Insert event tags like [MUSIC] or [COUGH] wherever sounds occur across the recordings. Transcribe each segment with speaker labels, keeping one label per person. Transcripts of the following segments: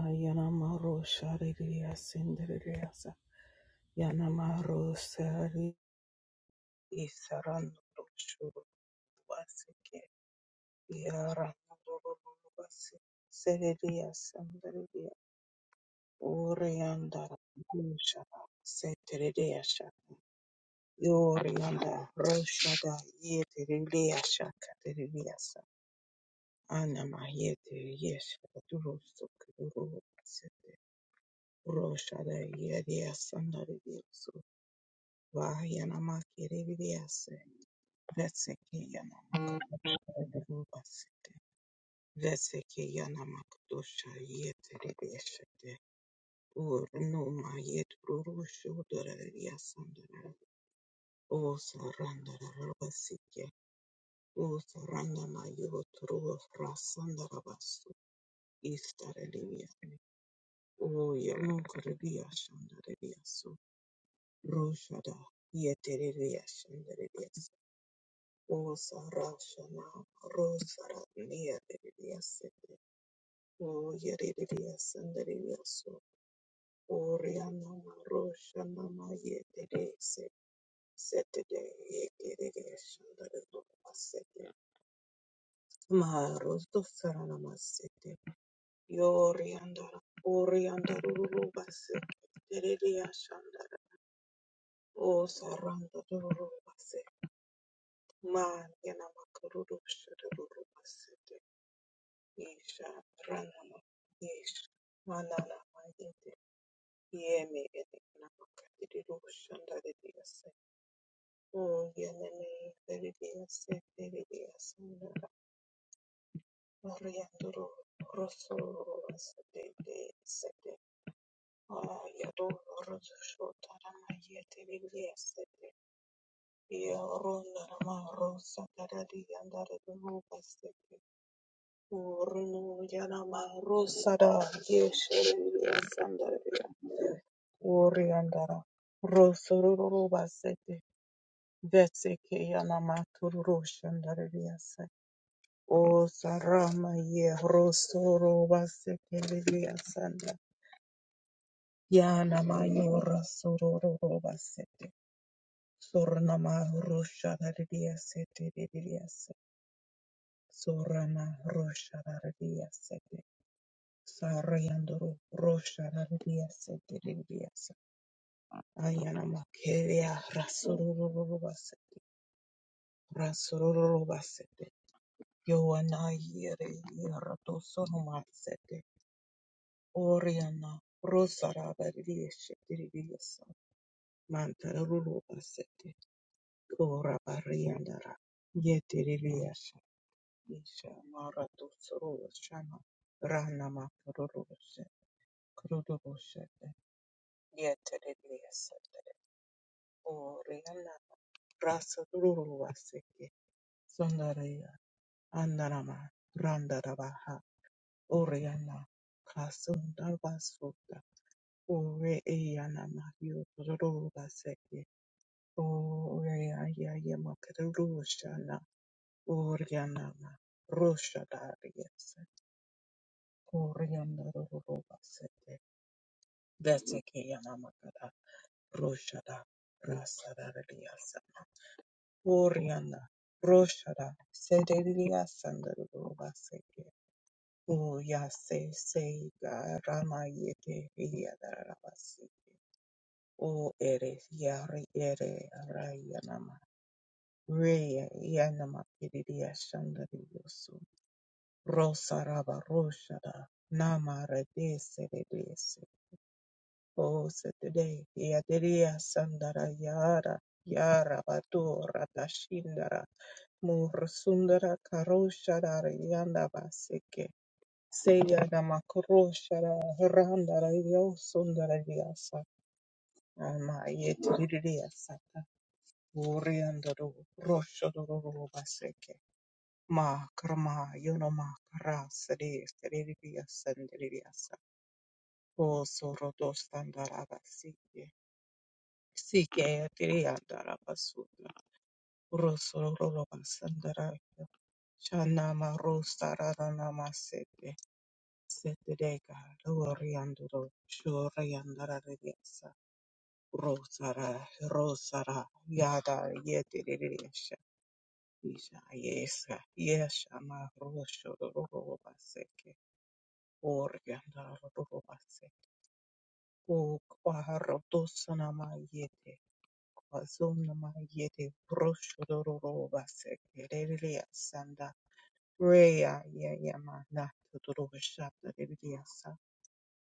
Speaker 1: Ayanamaro shariria sindiriasa. Yanamaro sari isarandoro shuru vasike. Yarandoro vasi. Seriria sandiriria. Orianda gushara setiriasa. Yorianda roshada yetiriria shakatiriasa. Anama yetiriasa. Durusuk duru Roshada yeriya sandari diyosu. Vahayana makere vidiyase. Vetseke yana rubasite. Vetseke yana makdosha yetere diyashete. Ur numa yetru rushu dara riya sandara. Osa randara rubasike. Osa randama yotru rasandara basu. Istare diya. Oya mukre diya sandara diyasu. Roshada yeterelias anderelias osa rashana rosara nierelias o yerelias anderelias oriana roshana ma yeterese setede yeterelias andereliasete ma rosto sarana masete yoriandara oriandara rubasete terelias andara o saranda Mariana Makaruru Shiruru Basete Yesha Ranama Yesh Manana Mayete Yeme Edekana Makadiru Shanda Ridiase O Yaneme Ridiase Ridiase Mariandoro Rosso Sete Sete Ayado Rosso Shotara Mayete Ridiase Yarona Rama Rosa Taradi Andare Duhu Basete Urno yanama rosada yeshereya sandareya oriandara rosororo basete vetseke yanama tururo shandareya se o sarama ye rosoro basete leya sanda yanama yora sororo basete sornama roshadareya sete leya se sorama roshadareya Sarayandoro Rosha Rarabia Setiribias Ayana Makeria Rasururu Basete Rasururu Basete Yoana Yere Yerato Sonoma Sete Oriana Rosara Baria Setiribias Mantaruru Basete Ora Bariandara Yetiribias Isha Marato Soro Shana Rana Makaruru Sete Kururu Sete Yetiribias Oriana Rasururu Vaseke Sundaraya Andarama Randarabaha Oriana Kasundarbasuta Ore Eyana Mahyo Ruru Vaseke Oriaya Yamakarusana Oriana Rusha Darius Oriana Ruru Vaseke Veseke Yanamakara Rusha Rasarariasa Oriana, Roshara, Sederia Sandarovaseke, O Yase Seiga Rama Yete Yadarabasi, O Ere Yari Ere Rayanama, Rea Yanama Kiria Shandariosu, Rosa Raba Roshara, Nama Rede Sedese, O Sede Yaderia Sandara Yara, Yara Batu Ratashindara, Mor sundara karosha dara yanda basike. Seya da makrosha dara randa yo sundara diyasa. Ama yeti diyasa ta. Orianda do rosha do do do basike. Ma krama yono ma krasa diyasa diyasa diyasa. O soro dostandara basike. Sike diyanda basunda. Rosoro basandara. Shanama rosara namasete. Set the day, God. Oriandoro, Shoriandara Rediasa, Rosara, Rosara, Yada, Yetirisha, Isha, Yesa, Yeshama, Rosho, Robaseke, Oriandara Robase, O Quaro Dosanama Yete, Quazonama Yete, Rosho, Robaseke, Relia Sanda, Rea, Yayama, Nato, Rosha,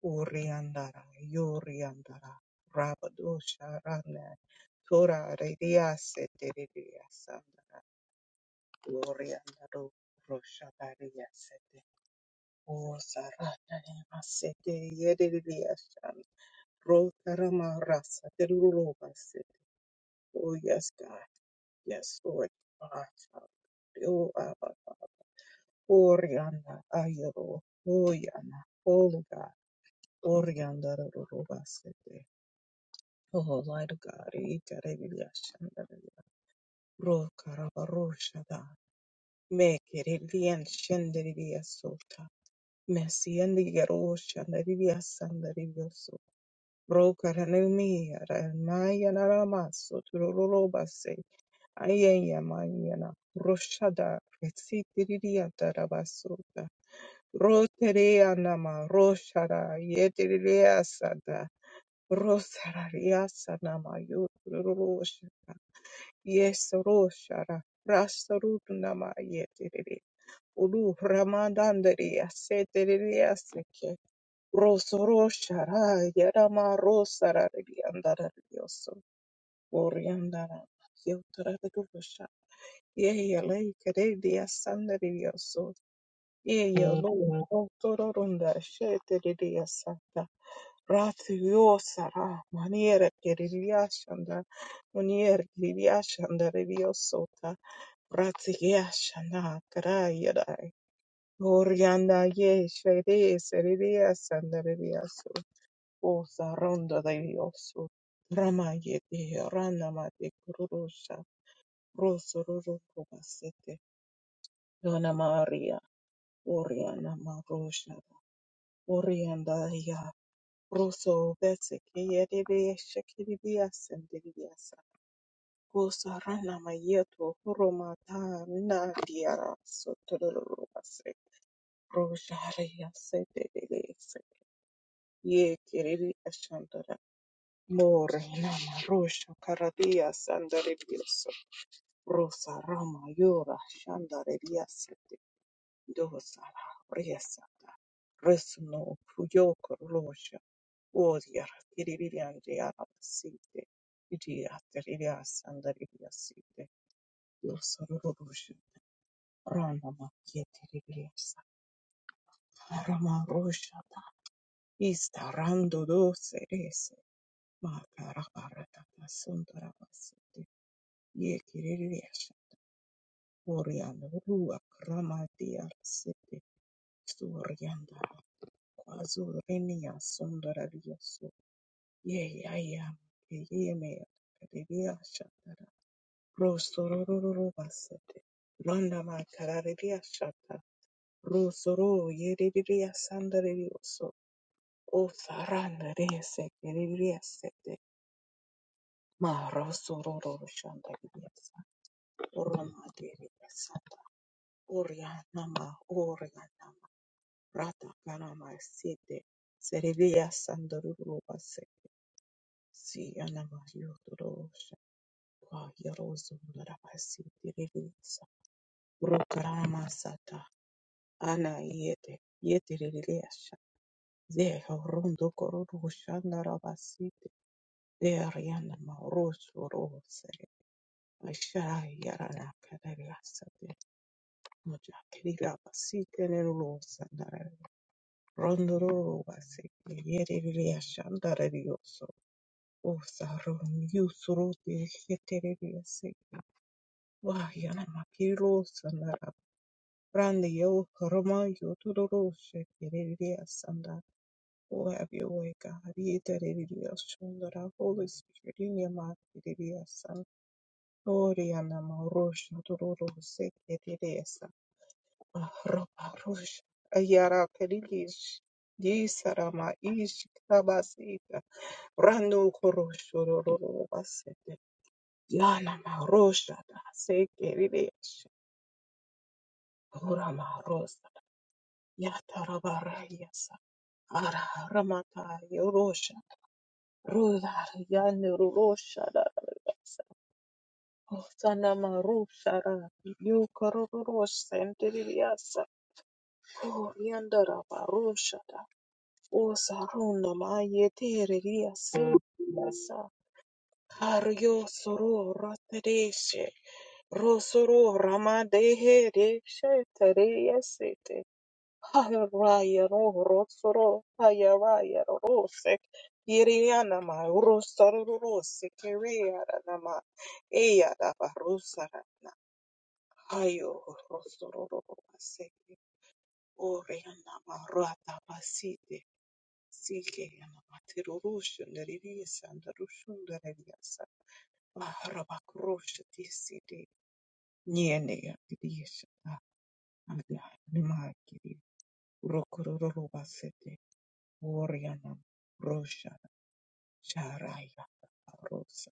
Speaker 1: Uriandara, Yuriandara, Rabadusharana, Tura Redia Seteria Sandra, Uriandaro, Roshadaria Sete, O Saranema Sete, Yedidia Shan, Rotarama Rasa, the Ruba Sete, O yes, God, yes, Lord, my Father, O Abba, Urianda, Ayero, O Yana, O God, Uriandaro, Ruba Oh, Lord God, e carabia shandavia, ro carabarosha da, me caribbean shandavia sota, messi and the garosha and the via sandavia so, ro caranemi, maya naramaso, turoroba se, ayaya mayana, roshada, recitiria tarabasota, roterea nama, roshara, yeteria sada, rosararia sanama, yo, turorosha. Yes, Roshara, Rasarudnama Yetere, Uru Ramadandari, Aseteri Aseke, Rosoroshara, Yarama Rosara, Yandara Yoso, Oriandara, Yotara Gurusha, Yea, Lake, Redia Sandari Eya lua autororunda shete lilia sata ratiosa maniera che riliascianda maniera che riliascianda reliosota ratiascianda caraia dai orianda ye shede seriliascianda reliasu osa ronda dai osso rama ye de rana ma de kurusha rosso roro basete dona maria oriana ma Orianda ya Ruso Beseke Yerebe Shakiridia Sendidiasa Gosa Rana Mayeto Horomata Nadia Sotorobase Rosaria Sendidiasa Ye Kiriri Ashandara More Nama Rosha Karadia Sandaribioso Rosa Rama Yora Shandaria Dosara resata resno kuyoko rosha odia tiririan diara site idia tiriria sandaria site dosara rosha rana makie tiririasa rama rosha ista rando dose rese ma cara parata da sundara site ye kiririasa orian rua kramadia site Azurenia Sundarariasu Yeaya Yemea Riria Shatara Rosororo Basete Randa Makararia Shata Rosoro Yeriria Sandarioso O Saranda Rese Yeriria Sete Ma Rosororo Shandaria Orama Deria Sata Oria Nama Oria Nama Rata Karama Sete Sereria Sandaruru Si anamayo dorosha kwa yarozo narabasi direlisa rokarama sata ana yete yete rilesha ze rondo kororo shana rabasi de ariana maroso rose ashara yarana kadariasa de moja kirira basi tenero sanare rondo roro basi yere rilesha ndarilioso Osa rom yusro de yete rilese Wah, yana makiro sandara. Brande yo roma yo tororo shekereria sanda. Oh, have your way, God. Yetereria sundara. Holy Spirit, in your makireria san. Oh, yana marosh tororo shekereria san. Ah, Roma rosh. Ayara kerilish. Yisarama ish kabasika. Brando korosh tororo basete. Yana marosh da shekereria. Rama Yatarabarayasa Ara Ramata Yorosha Rudar Yanurosha Rasa Sanama Rushara Yukaruros and Diriasa Oriandara Barushada Osaruna Mayeteriasa Yasa Hario Soro Ratereshe Rosoro Ramadehe Reshe Haraya ro rosoro hayaraya rosek yiriana ma rosoro rosek yiriana na ma eya da ba rosara na hayo rosoro rosek oriana ma rata basite sike yana ma terorushu neriri sanda rushu neriri sa ma haraba kroshu tisite niene ya kidisha na ma kiri rokororo basete Oriana Rosha Sharaya Rosa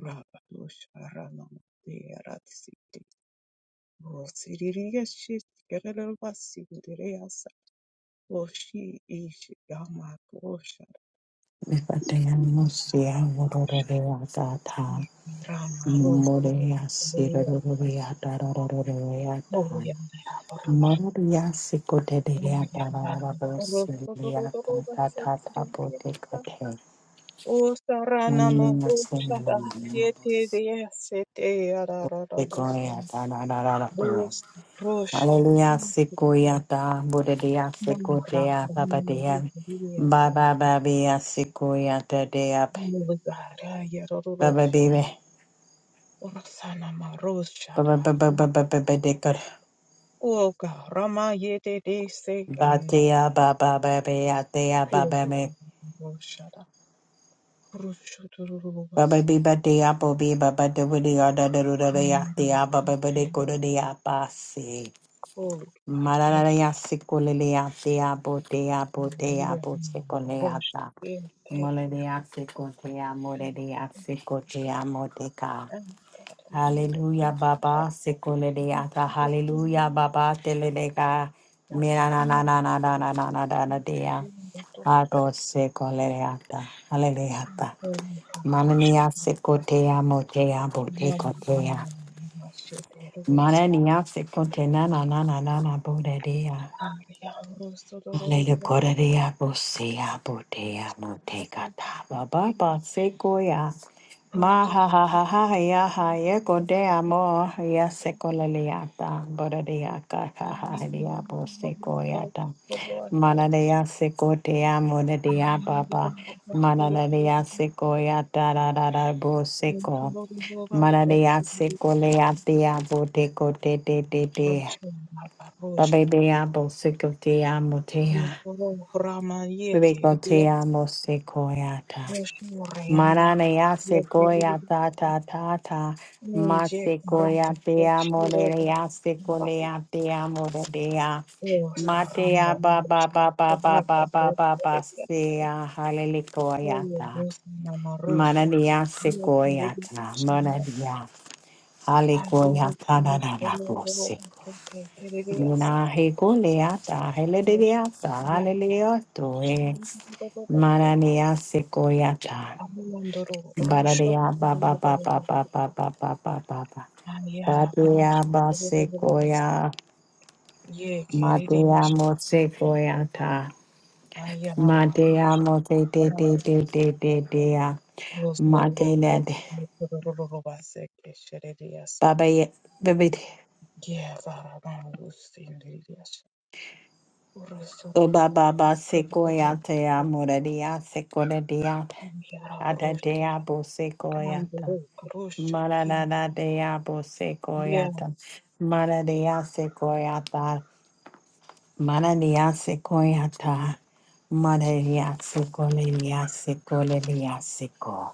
Speaker 1: Rabadosha Rana Deratsiti Rosiriyashi Keralabasi Dereyasa Oshi ish Yama Rosha
Speaker 2: Nipateamusia ngororororata,
Speaker 1: Rama Rosa Dereya
Speaker 2: moreasirorororata, rororororata,
Speaker 1: Oriana Rosha
Speaker 2: mororiasikoteriata,
Speaker 1: Oriana Rosa Rosa
Speaker 2: rorororosiliata,
Speaker 1: Rosa
Speaker 2: tatatapotekate,
Speaker 1: O sarana mabushada
Speaker 2: mamiasinanamiabos,
Speaker 1: yete deyasete arararabosam.
Speaker 2: sikoyata, rororororo.
Speaker 1: Bos rosha
Speaker 2: Hallelujah, sikoyata, bodedea,
Speaker 1: mara
Speaker 2: sikotea,
Speaker 1: kamiya
Speaker 2: babadea,
Speaker 1: yete deyasete.
Speaker 2: babababea, sikoyata, dea,
Speaker 1: Mulugara yarorosha.
Speaker 2: bababibe.
Speaker 1: Orsana
Speaker 2: ba ba
Speaker 1: marushada.
Speaker 2: ba ba ba ba ba ba de kar
Speaker 1: Oga rama yete deyse
Speaker 2: ba te
Speaker 1: ana.
Speaker 2: ya ba ba ba ba ya te ya ba ba
Speaker 1: Kogo
Speaker 2: me
Speaker 1: roshada.
Speaker 2: ba ba bi
Speaker 1: Rushudurubasi.
Speaker 2: ba te ya bo bi ba ba de wi de ya da da ru da da ya te ya ba ba ba de ko da de ya ba se
Speaker 1: Oh,
Speaker 2: ma
Speaker 1: God.
Speaker 2: la la
Speaker 1: Rosh.
Speaker 2: la ya se ko le le ya te ya bo te ya bo te ya bo se ko
Speaker 1: yeah,
Speaker 2: le ya
Speaker 1: Rosh,
Speaker 2: ta
Speaker 1: yeah,
Speaker 2: mo
Speaker 1: Take
Speaker 2: le
Speaker 1: it.
Speaker 2: de ya se ko te ya mo le de ya se ko te ya mo te ka
Speaker 1: and that indeed
Speaker 2: Hallelujah,
Speaker 1: was up
Speaker 2: Baba. Sekole
Speaker 1: to
Speaker 2: de ata.
Speaker 1: the
Speaker 2: Hallelujah, Baba. Teledeka. Mira na na
Speaker 1: happiness
Speaker 2: na na na na na na na na dea.
Speaker 1: in the
Speaker 2: Ato
Speaker 1: district.
Speaker 2: sekole de ata. Hallelujah.
Speaker 1: Only Karashi,
Speaker 2: Manania sekotea motea bote
Speaker 1: Mamma,
Speaker 2: kotea.
Speaker 1: Mamma, Machete, Rosa,
Speaker 2: Manania sekote na na na na na na bodea.
Speaker 1: Aria, Rosso,
Speaker 2: Alele
Speaker 1: Rosso,
Speaker 2: korerea bosea botea moteka taba baba sekoya. Ma ha ha ha ha ya ha ye kodea mo ya sekoleleata borea kaka
Speaker 1: and
Speaker 2: ha
Speaker 1: we
Speaker 2: ya
Speaker 1: remember the story
Speaker 2: bosekoyata.
Speaker 1: of what it
Speaker 2: Mananea sekotea
Speaker 1: and
Speaker 2: monedea
Speaker 1: we
Speaker 2: baba.
Speaker 1: remember the story
Speaker 2: Mananea sekoyata ra ra ra boseko.
Speaker 1: of
Speaker 2: Mananea
Speaker 1: the
Speaker 2: sekoleatea boteko te te te te.
Speaker 1: Russian Barbarosha
Speaker 2: Babebea bosekotea motea.
Speaker 1: Guru Rama Yeti Riya
Speaker 2: Ricotea mosecoyata.
Speaker 1: Shurianda
Speaker 2: Maranea
Speaker 1: Yeti
Speaker 2: secoyata
Speaker 1: Riya
Speaker 2: ta ta ta.
Speaker 1: Ninja
Speaker 2: Masecoya
Speaker 1: Rata
Speaker 2: te
Speaker 1: Shurata
Speaker 2: amorea
Speaker 1: Marai
Speaker 2: secolea te amorea.
Speaker 1: Osa
Speaker 2: Matea
Speaker 1: Rama
Speaker 2: ba ba ba
Speaker 1: Shurata
Speaker 2: ba ba
Speaker 1: Rata
Speaker 2: ba ba ba ba
Speaker 1: Riya
Speaker 2: sea
Speaker 1: Oyo
Speaker 2: halelicoyata.
Speaker 1: Bosa Namarusha
Speaker 2: Maranea
Speaker 1: Yeti Riya
Speaker 2: secoyata.
Speaker 1: Shanda
Speaker 2: Maranea.
Speaker 1: Adiru
Speaker 2: Halecoyata na na
Speaker 1: Purusha
Speaker 2: na
Speaker 1: Loro
Speaker 2: bose.
Speaker 1: Rute Riya
Speaker 2: Mina he goleata,
Speaker 1: Samarusha
Speaker 2: heleleata,
Speaker 1: Yanda
Speaker 2: haleleatoe,
Speaker 1: Shurata
Speaker 2: mananea sequoiata,
Speaker 1: Amandoro Rusha
Speaker 2: baradea ba ba ba ba ba ba ba ba ba ba ba, badea
Speaker 1: Ayarabarusha
Speaker 2: ba
Speaker 1: Rubus
Speaker 2: sequoia,
Speaker 1: Ye
Speaker 2: madea
Speaker 1: Kiridish
Speaker 2: mo sequoiata, madea
Speaker 1: Ayarabarusha
Speaker 2: mo te te te te te
Speaker 1: Rakiridish
Speaker 2: te dea, matele
Speaker 1: Rostorobus
Speaker 2: de,
Speaker 1: Mutorobasek Sheridiasa
Speaker 2: baba ye, baby,
Speaker 1: Yevarabarus Indiridish
Speaker 2: ba
Speaker 1: Ursororo
Speaker 2: ba ba sequoiata, moradea sequoia Ada
Speaker 1: Ayarabarusha
Speaker 2: deabo sequoyata.
Speaker 1: Kandoro Karush
Speaker 2: Mara da
Speaker 1: King
Speaker 2: da deabo
Speaker 1: Yes,
Speaker 2: sequoyata. Mara dea sequoyata. Mara dea sequoyata. Mara dea sequoia sequoia sequoia.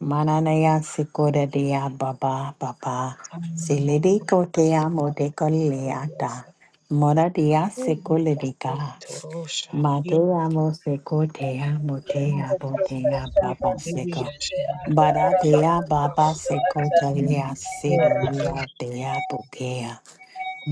Speaker 2: Mananaya sikore dea baba baba. Silidi kotea modeko leata. Mora dea
Speaker 1: Urubas
Speaker 2: sekulirika.
Speaker 1: Torosha
Speaker 2: Matea mo sekotea
Speaker 1: No,
Speaker 2: motea botea
Speaker 3: Tata
Speaker 1: Chief
Speaker 2: baba
Speaker 1: Bibi
Speaker 2: seko.
Speaker 3: Bakushende
Speaker 1: Yashanda
Speaker 3: and
Speaker 2: Bara
Speaker 3: Araba
Speaker 2: dea
Speaker 3: Ando
Speaker 2: baba
Speaker 3: Ata
Speaker 2: sekotelea sido
Speaker 1: wrote
Speaker 3: Arato
Speaker 2: dea
Speaker 1: books
Speaker 2: dea bokea.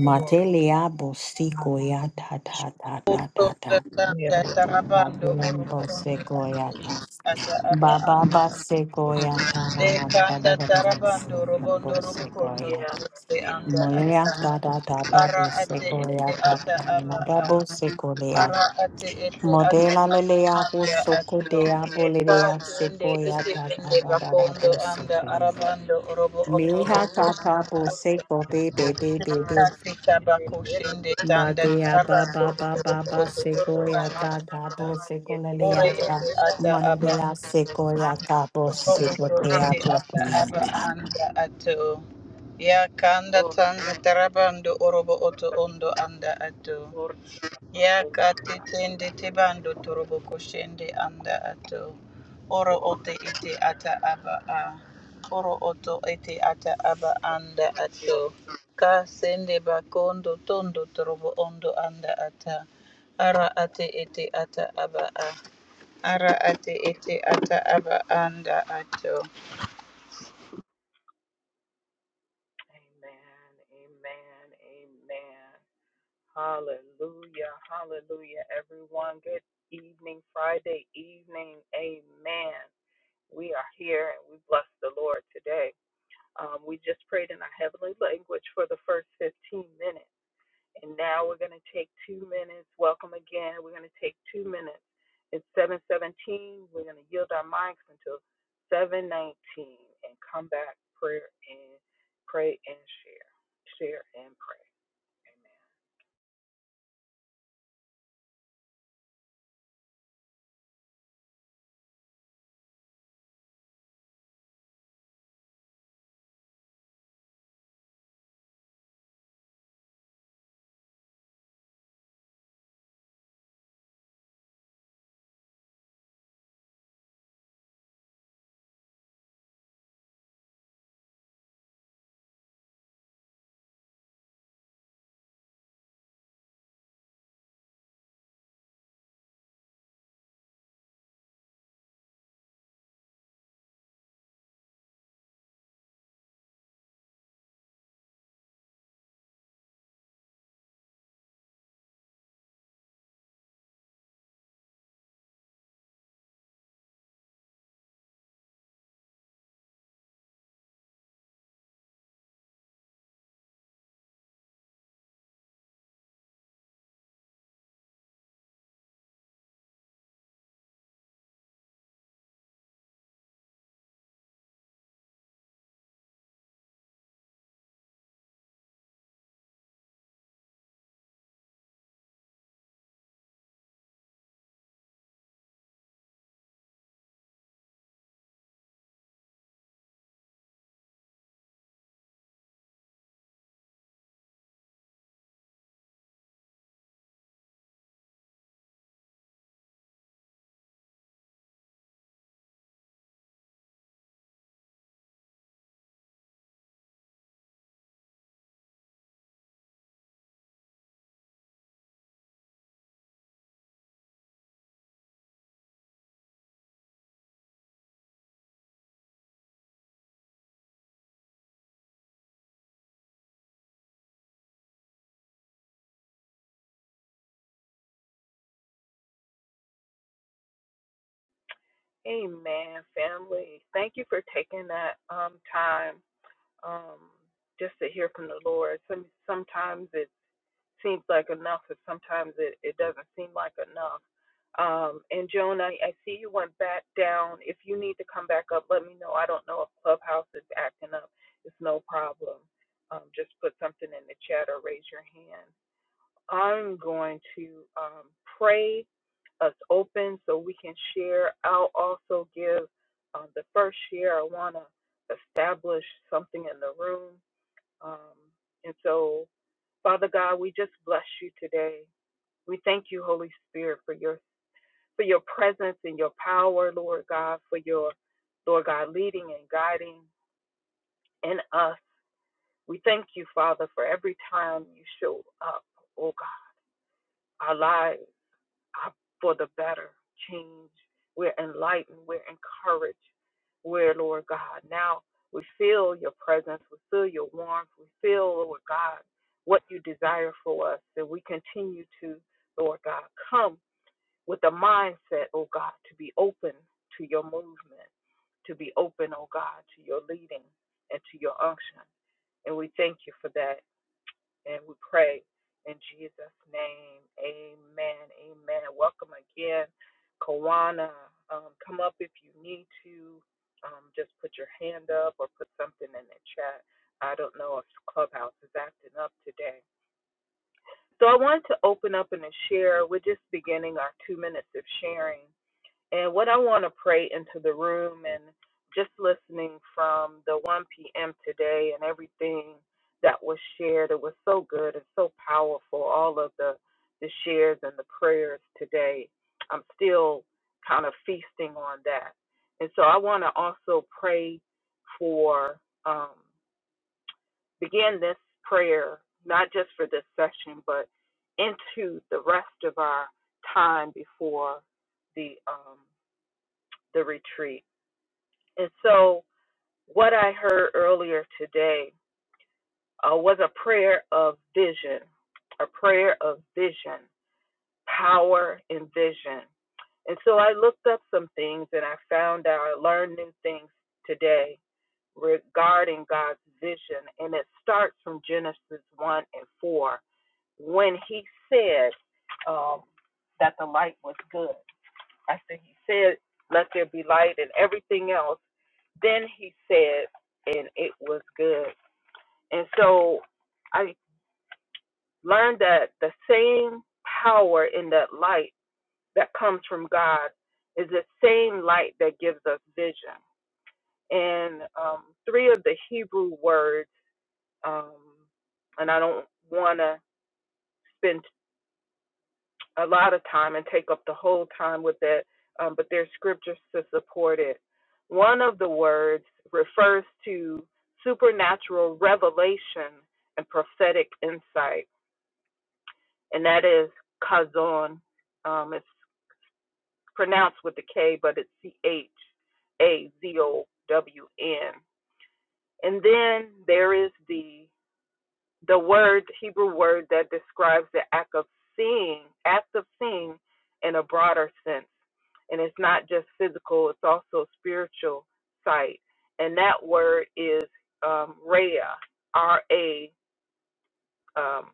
Speaker 1: for
Speaker 2: bosiko ya ta ta ta ta ta ta.
Speaker 3: Tanda
Speaker 1: Maria
Speaker 3: Tarabando
Speaker 1: Nama
Speaker 2: Batiambo
Speaker 3: Orobondo and
Speaker 2: sequoiata.
Speaker 3: Ata Aba
Speaker 2: Baba ba
Speaker 3: Ando
Speaker 2: sequoiata na na na na na
Speaker 3: Dekanda
Speaker 2: na na
Speaker 3: tarabando
Speaker 2: sing na
Speaker 3: robondo
Speaker 2: bo
Speaker 3: robokondo
Speaker 2: sequoiata.
Speaker 3: te anda ata.
Speaker 2: Moleata da da da
Speaker 3: Ara
Speaker 2: bo
Speaker 3: ate ete
Speaker 2: sequoiata
Speaker 3: ata
Speaker 2: na na
Speaker 3: aba
Speaker 2: da
Speaker 3: a.
Speaker 2: bo sequoia.
Speaker 3: Ara ate ete ata
Speaker 2: Modela
Speaker 3: aba
Speaker 2: lelea bo
Speaker 3: anda
Speaker 2: soco
Speaker 3: ato.
Speaker 2: dea bolea
Speaker 3: Kati ende ete
Speaker 2: sequoiata da
Speaker 3: ende
Speaker 2: da da da
Speaker 3: bakondo
Speaker 2: bo
Speaker 3: anda
Speaker 2: sequoia.
Speaker 3: arabando robo oto
Speaker 2: Miha
Speaker 3: ondo
Speaker 2: ta ta
Speaker 3: anda.
Speaker 2: bo seco baby baby
Speaker 3: Kati tabako shende
Speaker 2: Ba
Speaker 3: tanda
Speaker 2: dea ba
Speaker 3: tarabando
Speaker 2: ba
Speaker 3: robo oto oto
Speaker 2: sequoia
Speaker 3: anda
Speaker 2: ta ta
Speaker 3: ata.
Speaker 2: bo
Speaker 3: Ore
Speaker 2: sequoia
Speaker 3: ete ata aba ato.
Speaker 2: sequoia ta
Speaker 3: Oto
Speaker 2: sequoia
Speaker 3: ete
Speaker 2: bo
Speaker 3: ata aba anda ato. Ya kanda tanda tarabando orobo oto ondo anda ato. Ya kate tende tebando torobo koshende anda ato. Oro ote ete ata aba a. Oro oto ete ata aba anda ato. Ka sende bakondo tondo torobo ondo anda ata. Ara ate ete ata aba a. Ara ate ete ata aba anda ato.
Speaker 1: Hallelujah. Hallelujah, everyone. Good evening, Friday evening. Amen. We are here and we bless the Lord today. Um, we just prayed in our heavenly language for the first 15 minutes. And now we're going to take two minutes. Welcome again. We're going to take two minutes. It's 717. We're going to yield our mics until 719 and come back, prayer and pray and share. Share and pray. Amen. Amen, family. Thank you for taking that um, time um, just to hear from the Lord. Some, sometimes it seems like enough, and sometimes it, it doesn't seem like enough. Um, and Joan, I, I see you went back down. If you need to come back up, let me know. I don't know if Clubhouse is acting up. It's no problem. Um, just put something in the chat or raise your hand. I'm going to um, pray us open so we can share. I'll also give um, the first share. I want to establish something in the room. Um, and so, Father God, we just bless you today. We thank you, Holy Spirit, for your for your presence and your power, Lord God, for your Lord God leading and guiding in us. We thank you, Father, for every time you show up, oh God, our lives. up for the better change. We're enlightened. We're encouraged. We're, Lord God, now we feel your presence. We feel your warmth. We feel, Lord God, what you desire for us. That we continue to, Lord God, come with a mindset, oh God, to be open to your movement, to be open, oh God, to your leading and to your unction. And we thank you for that. And we pray in Jesus' name. Amen. Amen. Welcome again, Kawana. Um, come up if you need to. Um, just put your hand up or put something in the chat. I don't know if Clubhouse is acting up today. So I wanted to open up and to share. We're just beginning our two minutes of sharing. And what I want to pray into the room and just listening from the 1 p.m. today and everything that was shared, it was so good and so powerful. All of the, the shares and the prayers today, I'm still kind of feasting on that. And so I want to also pray for, um, begin this prayer, not just for this session, but into the rest of our time before the. Um, the retreat. And so, what I heard earlier today uh, was a prayer of vision, a prayer of vision, power and vision. And so, I looked up some things and I found out, I learned new things today regarding God's vision. And it starts from Genesis 1 and 4 when he said um, that the light was good. After he said, let there be light and everything else Then he said, and it was good. And so I learned that the same power in that light that comes from God is the same light that gives us vision. And um, three of the Hebrew words, um, and I don't want to spend a lot of time and take up the whole time with it, um, but there's scriptures to support it. One of the words refers to supernatural revelation and prophetic insight, and that is kazon. Um, it's pronounced with the K, but it's C H A Z O W N. And then there is the the word, the Hebrew word that describes the act of seeing, act of seeing in a broader sense. And it's not just physical, it's also spiritual sight. And that word is um, Rhea, R A, um,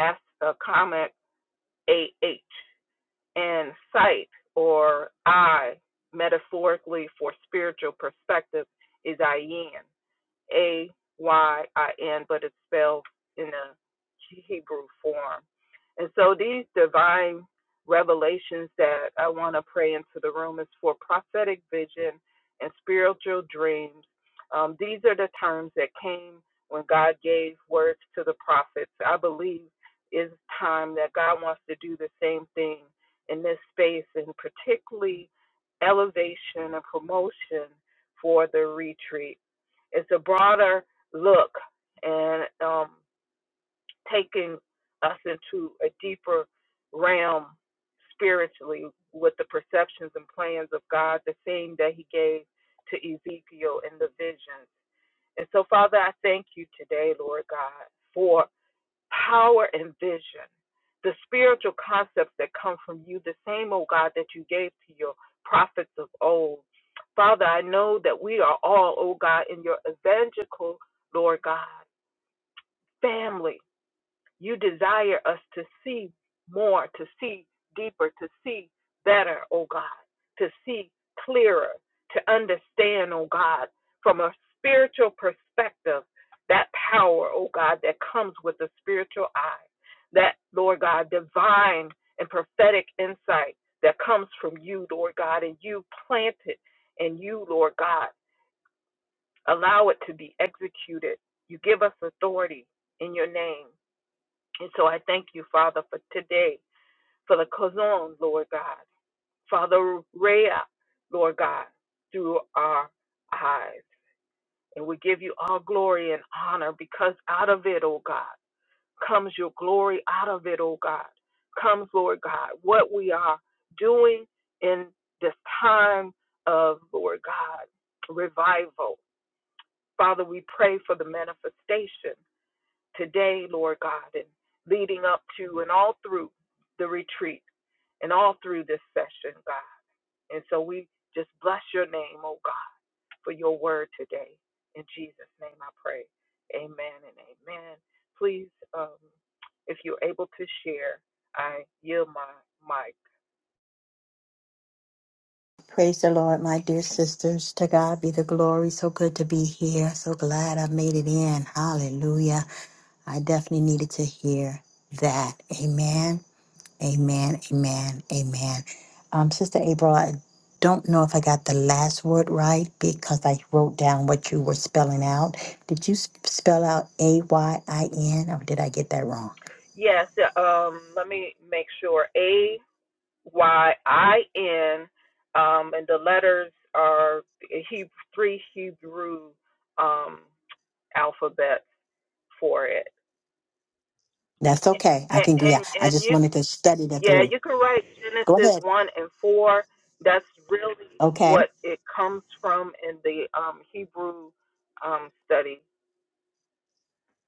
Speaker 1: as- uh, comma, A H. And sight or eye, metaphorically for spiritual perspective, is Ayin. A Y I N, but it's spelled in a Hebrew form. And so these divine revelations that I want to pray into the room is for prophetic vision and spiritual dreams. Um, these are the terms that came when God gave words to the prophets. I believe it's time that God wants to do the same thing in this space and particularly elevation and promotion for the retreat. It's a broader look and um, taking us into a deeper realm spiritually with the perceptions and plans of God, the thing that He gave to Ezekiel in the vision. And so, Father, I thank you today, Lord God, for power and vision, the spiritual concepts that come from you, the same, oh God, that you gave to your prophets of old. Father, I know that we are all, oh God, in your evangelical, Lord God, family. You desire us to see more, to see deeper, to see better, oh God, to see clearer, to understand, oh God, from a spiritual perspective, that power, oh God, that comes with the spiritual eye, that, Lord God, divine and prophetic insight that comes from you, Lord God, and you plant it, and you, Lord God, allow it to be executed. You give us authority in your name. And so I thank you, Father, for today, for the Kazon, Lord God. Father Rhea, Lord God, through our eyes. And we give you all glory and honor because out of it, oh God, comes your glory. Out of it, oh God, comes, Lord God, what we are doing in this time of, Lord God, revival. Father, we pray for the manifestation today, Lord God, and leading up to and all through the retreat and all through this session, God. And so we just bless your name, oh God, for your word today. In Jesus' name I pray. Amen and amen. Please, um, if you're able to share, I yield my mic.
Speaker 2: Praise the Lord, my dear sisters. To God be the glory. So good to be here. So glad I made it in. Hallelujah. I definitely needed to hear that. Amen. Amen, amen, amen. Um, Sister April, I don't know if I got the last word right because I wrote down what you were spelling out. Did you s- spell out A Y I N or did I get that wrong?
Speaker 1: Yes, um, let me make sure. a. Y I N, um, and the letters are Hebrew, three Hebrew um, alphabets for it.
Speaker 2: That's okay. I
Speaker 1: And,
Speaker 2: can agree. I
Speaker 1: and
Speaker 2: I
Speaker 1: and
Speaker 2: just
Speaker 1: you,
Speaker 2: wanted to study that
Speaker 1: yeah,
Speaker 2: through.
Speaker 1: you can write
Speaker 2: Go
Speaker 1: Genesis
Speaker 2: ahead.
Speaker 1: one and four. That's really
Speaker 2: Okay.
Speaker 1: what it comes from in the um, Hebrew um, study.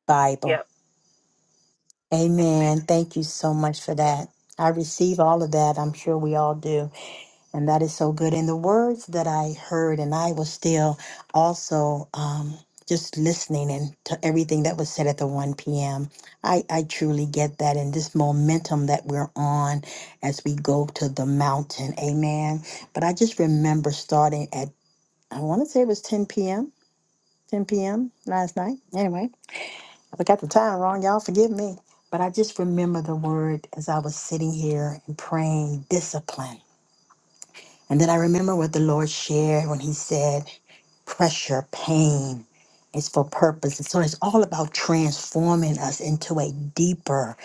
Speaker 2: Bible.
Speaker 1: Yep.
Speaker 2: Amen.
Speaker 1: Amen.
Speaker 2: Thank you so much for that. I receive all of that. I'm sure we all do. And that is so good. And the words that I heard, and I was still also um, just listening and to everything that was said at the 1 p.m. I I truly get that. And this momentum that we're on as we go to the mountain. Amen. But I just remember starting at, I want to say it was 10 p.m., 10 p.m. last night. Anyway, I got the time wrong. Y'all forgive me. But I just remember the word as I was sitting here and praying discipline and then I remember what the Lord shared when He said, pressure, pain is for purpose. And so it's all about transforming us into a deeper,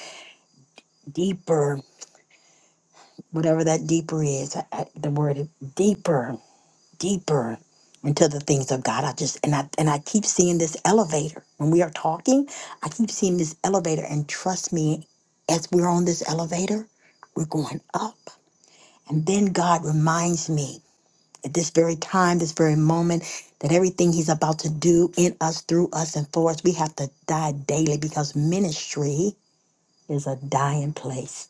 Speaker 2: deeper, whatever that deeper is, I, I, the word is deeper, deeper into the things of God. I just and I and I keep seeing this elevator. When we are talking, I keep seeing this elevator and trust me, as we're on this elevator, we're going up. And then God reminds me at this very time, this very moment, that everything He's about to do in us, through us, and for us, we have to die daily because ministry is a dying place.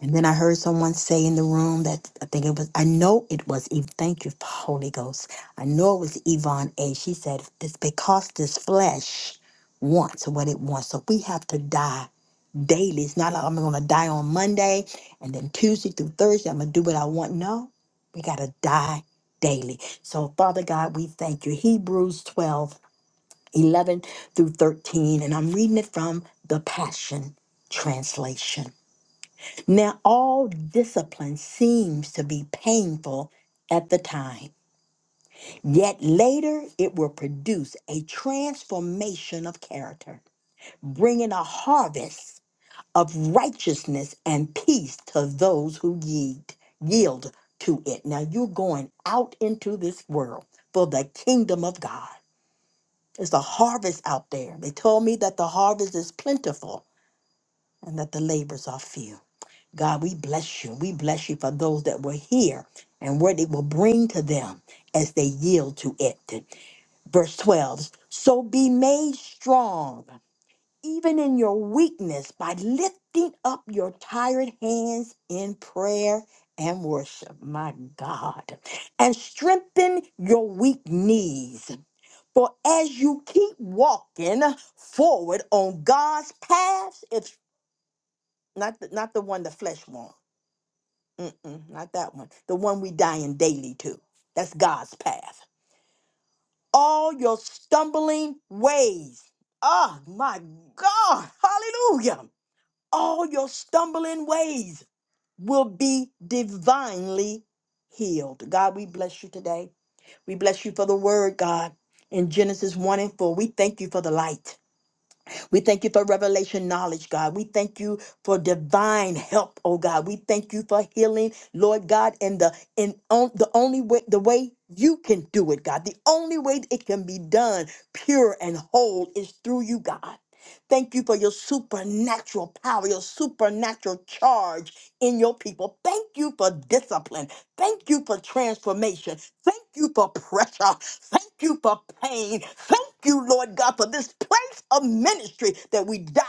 Speaker 2: And then I heard someone say in the room that I think it was, I know it was Eve. Thank you, Holy Ghost. I know it was Yvonne A. She said, It's because this flesh wants what it wants. So we have to die daily. It's not like I'm going to die on Monday and then Tuesday through Thursday, I'm going to do what I want. No, we got to die daily. So, Father God, we thank you. Hebrews 12:11 through 13, and I'm reading it from the Passion Translation. Now, all discipline seems to be painful at the time, yet later it will produce a transformation of character, bringing a harvest of righteousness and peace to those who yield, yield to it. Now you're going out into this world for the kingdom of God. There's a harvest out there. They told me that the harvest is plentiful and that the labors are few. God, we bless you. We bless you for those that were here and what it will bring to them as they yield to it. Verse 12 So be made strong even in your weakness, by lifting up your tired hands in prayer and worship, my God, and strengthen your weak knees. For as you keep walking forward on God's paths, it's not the, not the one the flesh wants, Mm-mm, not that one, the one we dying daily to. That's God's path. All your stumbling ways. Oh my God. Hallelujah all your stumbling ways will be divinely healed. God, we bless you today. We bless you for the word, God, in Genesis 1 and 4. We thank you for the light. We thank you for revelation knowledge, God. We thank you for divine help, oh God. We thank you for healing, Lord God, and the and on, the only way the way you can do it, God. The only way it can be done pure and whole is through you, God. Thank you for your supernatural power, your supernatural charge in your people. Thank you for discipline. Thank you for transformation. Thank you for pressure. Thank you for pain. Thank you, Lord God, for this place of ministry that we die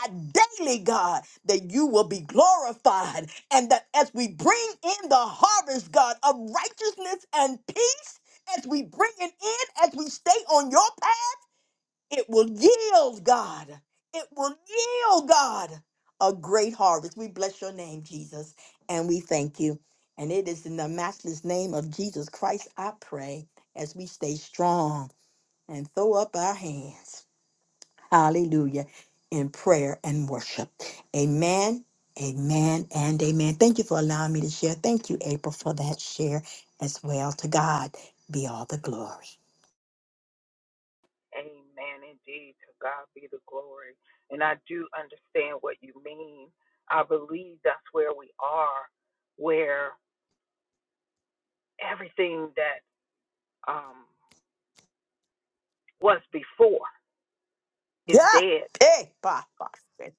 Speaker 2: daily, God, that you will be glorified. And that as we bring in the harvest, God, of righteousness and peace, as we bring it in, as we stay on your it will yield, God. It will yield, God, a great harvest. We bless your name, Jesus, and we thank you. And it is in the matchless name of Jesus Christ I pray as we stay strong and throw up our hands. Hallelujah. In prayer and worship. Amen. Amen and amen. Thank you for allowing me to share. Thank you, April, for that share as well. To God be all the glory.
Speaker 1: Amen. Indeed, to God be the glory. And I do understand what you mean. I believe that's where we are, where everything that um, was before is
Speaker 2: Yeah.
Speaker 1: dead.
Speaker 2: Hey, bah, bah.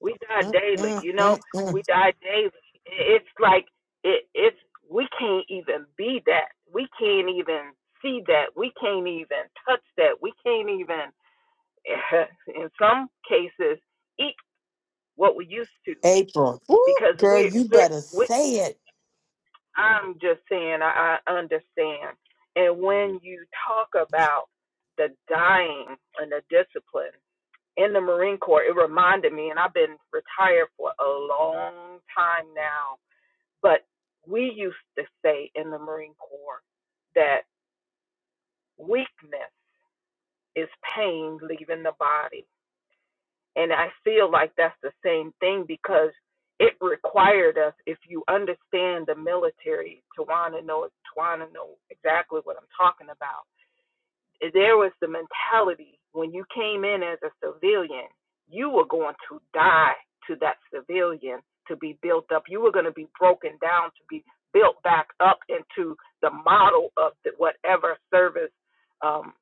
Speaker 1: We die
Speaker 2: Mm,
Speaker 1: daily,
Speaker 2: mm,
Speaker 1: you know.
Speaker 2: mm,
Speaker 1: We
Speaker 2: mm.
Speaker 1: die daily. It's like it, it's we can't even be that. We can't even see that. We can't even touch that. We can't even, [LAUGHS] in some cases, eat what we used to.
Speaker 2: April. Woo,
Speaker 1: because
Speaker 2: girl,
Speaker 1: we
Speaker 2: you
Speaker 1: we
Speaker 2: better
Speaker 1: we
Speaker 2: say it.
Speaker 1: I'm just saying I, I understand. And when you talk about the dying and the discipline in the Marine Corps, it reminded me, and I've been retired for a long time now, but we used to say in the Marine Corps that weakness is pain leaving the body And I feel like that's the same thing because it required us, if you understand the military, Tawana knows, Tawana know exactly what I'm talking about there was the mentality when you came in as a civilian, you were going to die to that civilian to be built up. You were going to be broken down to be built back up into the model of the, whatever service um,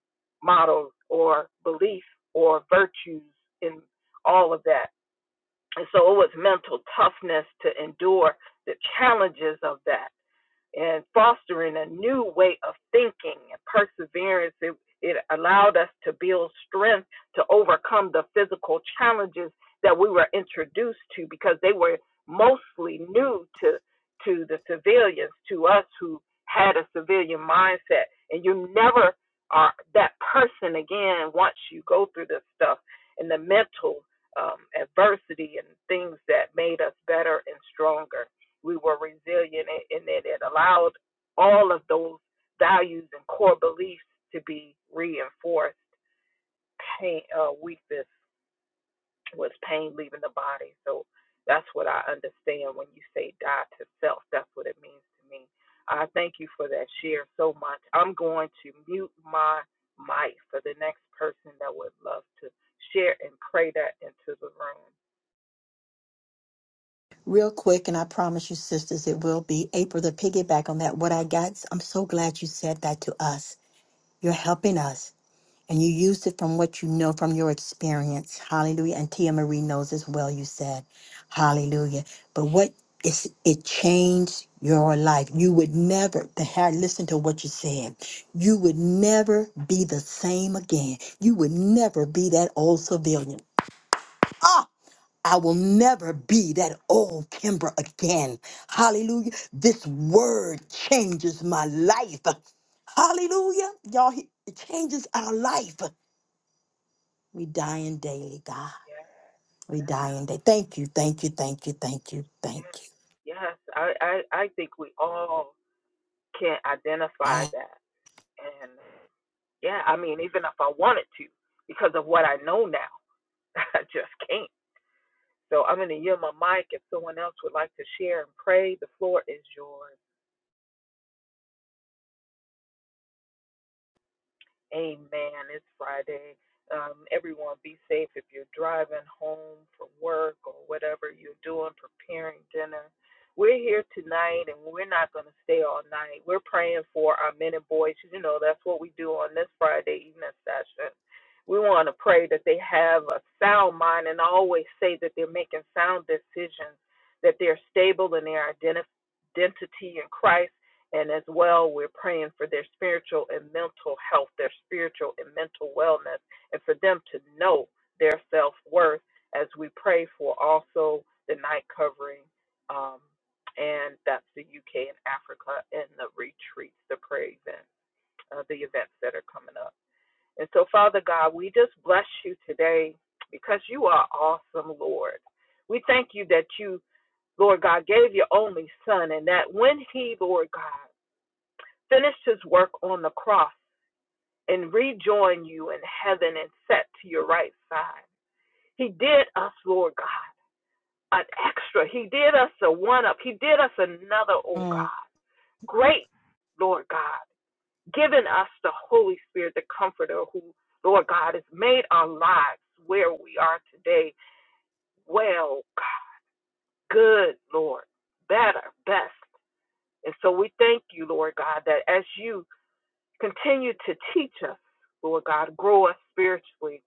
Speaker 1: model or belief or virtues in all of that. And so it was mental toughness to endure the challenges of that and fostering a new way of thinking and perseverance. It, it allowed us to build strength to overcome the physical challenges that we were introduced to because they were mostly new to to the civilians, to us who had a civilian mindset. And you never are that person again once you go through this stuff and the mental um, adversity and things that made us better and stronger we were resilient and, that it allowed all of those values and core beliefs to be reinforced. Pain, uh, weakness was pain leaving the body. So that's what I understand when you say die to self. That's what it means to me. I thank you for that share so much. I'm going to mute my mic for the next person that would love to share and pray that into the room.
Speaker 2: Real quick, and I promise you, sisters, it will be April to piggyback on that. What I got, I'm so glad you said that to us. You're helping us. And you used it from what you know from your experience. Hallelujah. And Tia Marie knows as well, you said. Hallelujah. But what is it changed your life? You would never the hair listen to what you said. You would never be the same again. You would never be that old civilian. Ah, I will never be that old Kimber again. Hallelujah. This word changes my life. Hallelujah. Y'all, he- it changes our life. We dying daily, God.
Speaker 1: Yes,
Speaker 2: We
Speaker 1: yes,
Speaker 2: dying daily. Thank you, thank you, thank you, thank you, thank
Speaker 1: yes.
Speaker 2: you.
Speaker 1: Yes, I, I, I think we all can identify
Speaker 2: Yes,
Speaker 1: that. And yeah, I mean, even if I wanted to, because of what I know now, [LAUGHS] I just can't. So I'm going to yield my mic if someone else would like to share and pray. The floor is yours. Amen. It's Friday. Um, everyone be safe if you're driving home from work or whatever you're doing, preparing dinner. We're here tonight and we're not going to stay all night. We're praying for our men and boys. You know, that's what we do on this Friday evening session. We want to pray that they have a sound mind and I always say that they're making sound decisions, that they're stable in their identi- identity in Christ and as well, we're praying for their spiritual and mental health, their spiritual and mental wellness, and for them to know their self worth as we pray for also the night covering. Um, and that's the UK and Africa and the retreats, the prayer event, uh, the events that are coming up. And so, Father God, we just bless you today because you are awesome, Lord. We thank you that you, Lord God, gave your only Son and that when He, Lord God, finish his work on the cross and rejoin you in heaven and set to your right side. He did us, Lord God, an extra. He did us a one up. He did us another, oh
Speaker 2: Mm.
Speaker 1: God. Great, Lord God, giving us the Holy Spirit, the Comforter, who, Lord God, has made our lives where we are today well, good, Lord, better, best. And so we thank you, Lord God, that as you Continue to teach us, Lord God. Grow us spiritually.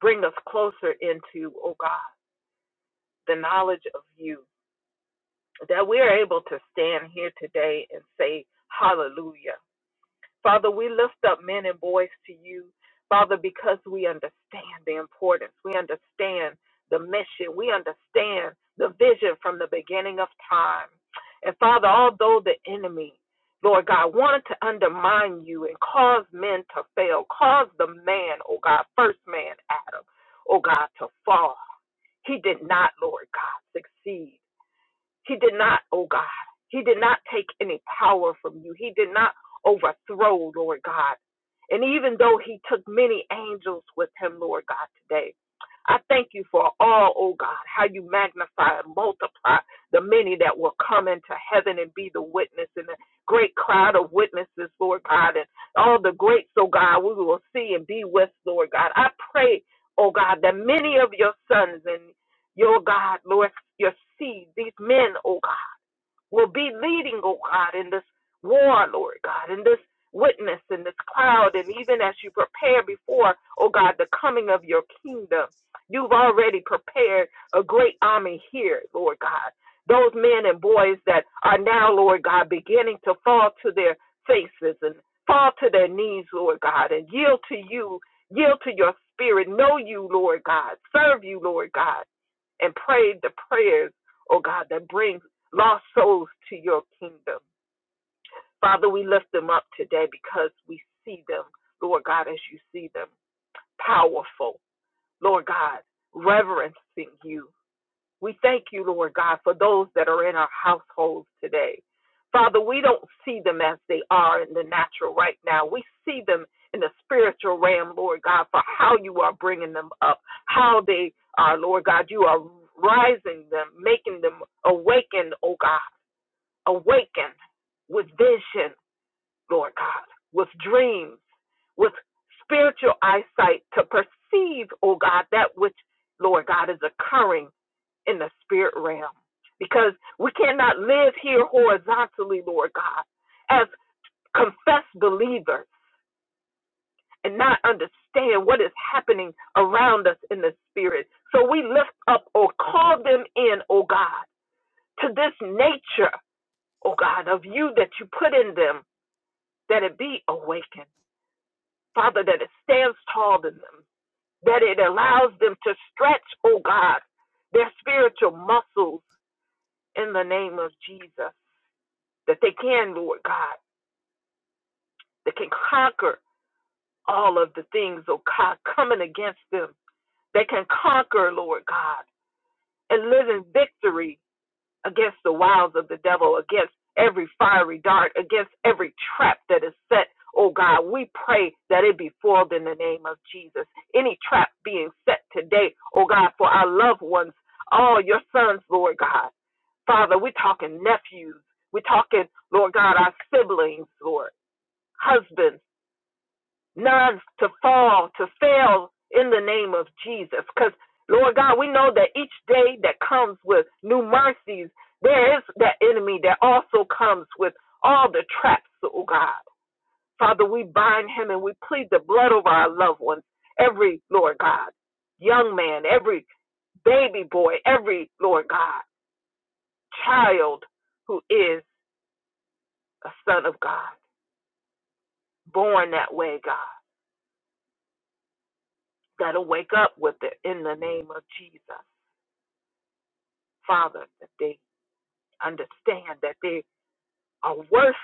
Speaker 1: Bring us closer into, oh God, the knowledge of you. That we are able to stand here today and say, Hallelujah. Father, we lift up men and boys to you, Father, because we understand the importance. We understand the mission. We understand the vision from the beginning of time. And Father, although the enemy, Lord God, wanted to undermine you and cause men to fail, cause the man, oh God, first man, Adam, oh God, to fall, he did not, Lord God, succeed. He did not, oh God, he did not take any power from you. He did not overthrow, Lord God. And even though he took many angels with him, Lord God, today, I thank you for all, oh God, how you magnify and multiply the many that will come into heaven and be the witness and the great crowd of witnesses, Lord God, and all the greats, oh God, we will see and be with, Lord God. I pray, oh God, that many of your sons and your God, Lord, your seed, these men, oh God will be leading, oh God, in this war, Lord God, in this witness, in this cloud, and even as you prepare before, oh God, the coming of your kingdom. You've already prepared a great army here, Lord God. Those men and boys that are now, Lord God, beginning to fall to their faces and fall to their knees, Lord God, and yield to you, yield to your spirit, know you, Lord God, serve you, Lord God and pray the prayers, oh God, that bring lost souls to your kingdom. Father, we lift them up today because we see them, Lord God, as you see them, powerful, Lord God, reverencing you. We thank you, Lord God, for those that are in our households today. Father, we don't see them as they are in the natural right now. We see them in the spiritual realm, Lord God, for how you are bringing them up, how they are, Lord God. You are rising them, making them awaken, oh God awaken with vision, Lord God, with dreams, with spiritual eyesight to perceive, oh God, that which, Lord God, is occurring in the spirit realm. Because we cannot live here horizontally, Lord God, as confessed believers and not understand what is happening around us in the spirit. So we lift up or call them in, oh God, to this nature, oh God, of you that you put in them that it be awakened, Father, that it stands tall in them, that it allows them to stretch, oh God, their spiritual muscles in the name of Jesus, that they can, Lord God, they can conquer all of the things, oh God, coming against them. They can conquer, Lord God, and live in victory against the wiles of the devil, against every fiery dart, against every trap that is set. Oh God, we pray that it be foiled in the name of Jesus. Any trap being set today, oh God, for our loved ones, all your sons, Lord God. Father, we're talking nephews. We're talking, Lord God, our siblings, Lord, husbands not to fall, to fail in the name of Jesus. Because, Lord God, we know that each day that comes with new mercies, there is that enemy that also comes with all the traps, oh God. Father, we bind him and we plead the blood over our loved ones, every, Lord God, young man, every baby boy, every, Lord God, child who is a son of God, born that way, God, that'll wake up with it in the name of Jesus. Father, that they understand that they are worth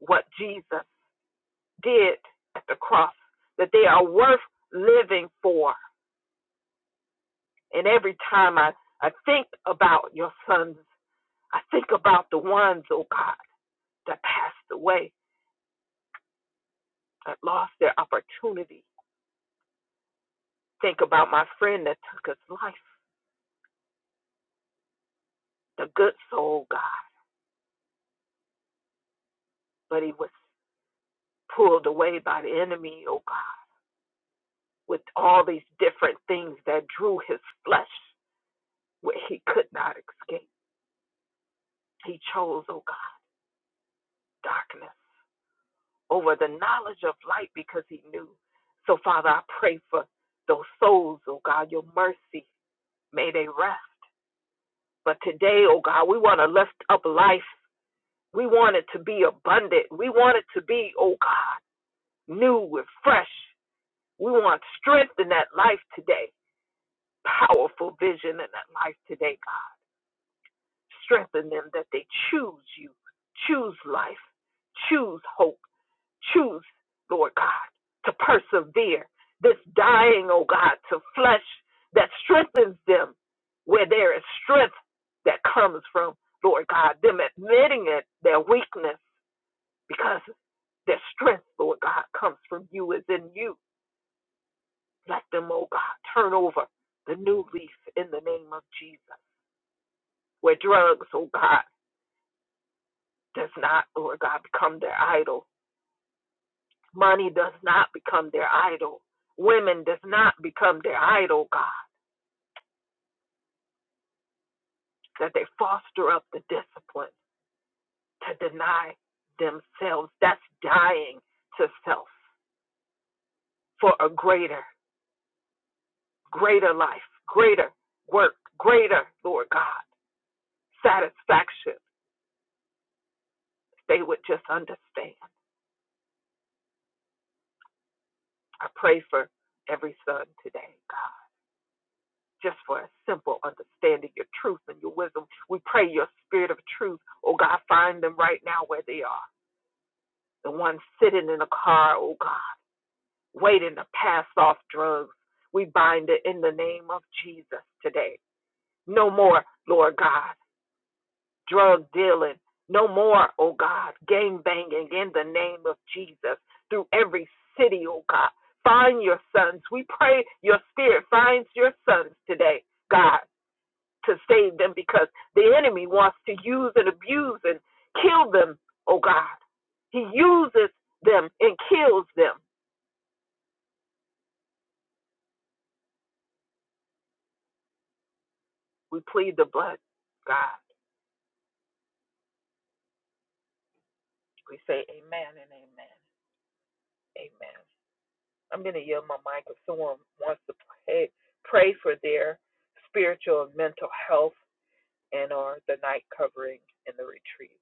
Speaker 1: what Jesus did at the cross, that they are worth living for. And every time I, I think about your sons, I think about the ones, oh God, that passed away, that lost their opportunity. Think about my friend that took his life, the good soul, God, but he was pulled away by the enemy, oh God, with all these different things that drew his flesh. where he could not escape. He chose, oh God, darkness over the knowledge of light because he knew. So, Father, I pray for those souls, oh God, your mercy. May they rest. But today, oh God, we want to lift up life. We want it to be abundant. We want it to be, oh God, new and fresh. We want strength in that life today, powerful vision in that life today, God. Strengthen them that they choose you, choose life, choose hope choose, Lord God, to persevere. This dying, oh God, to flesh that strengthens them where there is strength that comes from, Lord God, them admitting it, their weakness, because their strength, Lord God, comes from you, is in you. Let them, oh God, turn over the new leaf in the name of Jesus. Where drugs, oh God, does not, Lord God, become their idol Money does not become their idol. Women does not become their idol, God, that they foster up the discipline to deny themselves. That's dying to self for a greater, greater life, greater work, greater, Lord God, satisfaction. If they would just understand. I pray for every son today, God, just for a simple understanding your truth and your wisdom. We pray your spirit of truth, oh God, find them right now where they are. the one sitting in a car, oh God, waiting to pass off drugs. We bind it in the name of Jesus today. No more, Lord God, drug dealing. No more, oh God, gang banging in the name of Jesus through every city, oh God. Find your sons. We pray your spirit finds your sons today, God, to save them because the enemy wants to use and abuse and kill them, oh God. He uses them and kills them. We plead the blood, God. We say amen and amen. Amen. I'm going to yield my mic if someone wants to pray, pray for their spiritual and mental health and or the night covering in the retreat.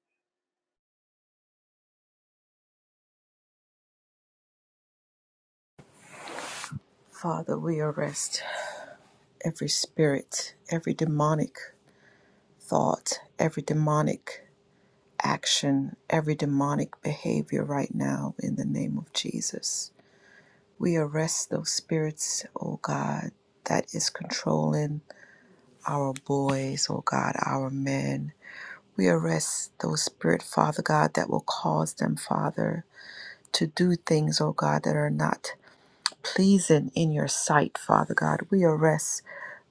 Speaker 4: Father, we arrest every spirit, every demonic thought, every demonic action, every demonic behavior right now in the name of Jesus. We arrest those spirits, oh God, that is controlling our boys, oh God, our men. We arrest those spirit, Father God, that will cause them, Father, to do things, oh God, that are not pleasing in your sight, Father God. We arrest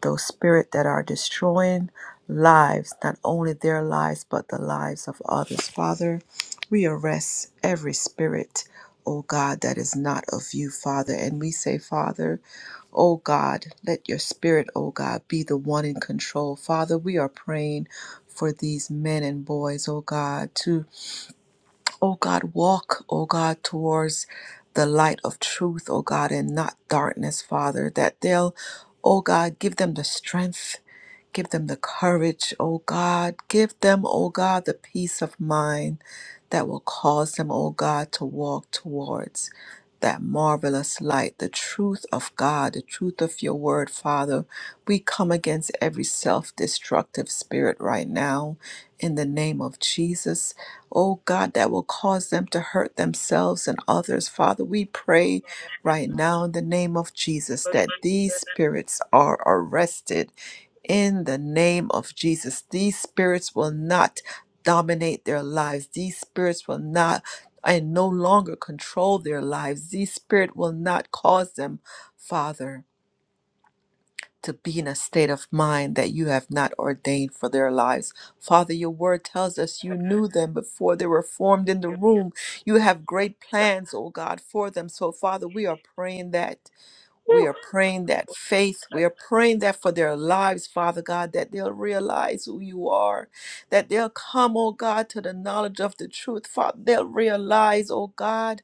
Speaker 4: those spirits that are destroying lives, not only their lives, but the lives of others. Father, we arrest every spirit, O God, that is not of you, Father. And we say, Father, O God, let your spirit, O God, be the one in control. Father, we are praying for these men and boys, O God, to oh God, walk, oh God, towards the light of truth, oh God, and not darkness, Father, that they'll, oh God, give them the strength Give them the courage, O God. Give them, O God, the peace of mind that will cause them, O God, to walk towards that marvelous light, the truth of God, the truth of your word, Father. We come against every self destructive spirit right now in the name of Jesus. Oh God, that will cause them to hurt themselves and others. Father, we pray right now in the name of Jesus
Speaker 1: Let's
Speaker 4: that
Speaker 1: see.
Speaker 4: these
Speaker 1: Let's
Speaker 4: spirits are arrested in the name of Jesus. These spirits will not dominate their lives. These spirits will not and no longer control their lives. These spirit will not cause them, Father, to be in a state of mind that you have not ordained for their lives. Father, your word tells us you knew them before they were formed in the
Speaker 1: see.
Speaker 4: womb. You have
Speaker 1: Yes,
Speaker 4: great
Speaker 1: God.
Speaker 4: plans, oh God, for them. So Father, we are praying that we
Speaker 1: Whew.
Speaker 4: are praying that faith, we
Speaker 1: Uh,
Speaker 4: are praying that for their lives, Father God, that they'll realize who you are, that they'll come, oh God, to the knowledge of the truth, Father. They'll realize, oh God,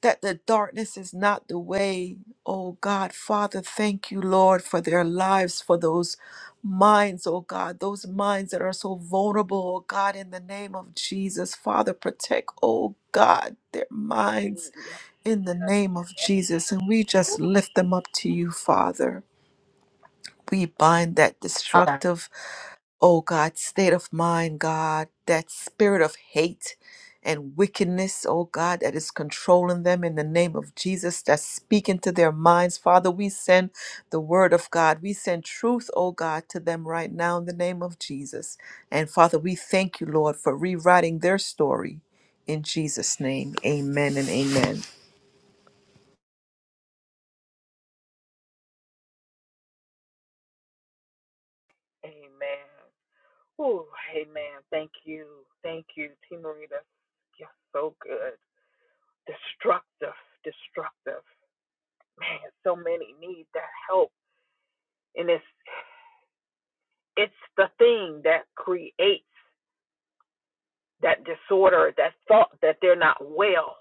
Speaker 4: that the darkness is not the way. Oh God, Father, thank you, Lord, for their lives, for those minds, oh God, those minds that are so vulnerable, oh God, in the name of Jesus. Father, protect, oh God, their minds
Speaker 1: Yes.
Speaker 4: in the
Speaker 1: yes,
Speaker 4: name of
Speaker 1: yes.
Speaker 4: Jesus. And we just
Speaker 1: Whew.
Speaker 4: lift them up to you, Father. We bind that
Speaker 2: Ah,
Speaker 4: destructive, oh God, state of mind, God, that spirit of hate and wickedness, oh God, that is controlling them in the name of Jesus, that's speaking to their minds. Father, we send the word of God. We send truth, oh God, to them right now in the name of Jesus. And Father, we thank you, Lord, for rewriting their story. In Jesus' name, amen and amen.
Speaker 1: Amen. Whew. Amen. Thank you. Thank you, Team Marita. You're so good. Destructive. Destructive. Man, so many need that help and it's it's the thing that creates that disorder, that thought that they're not well.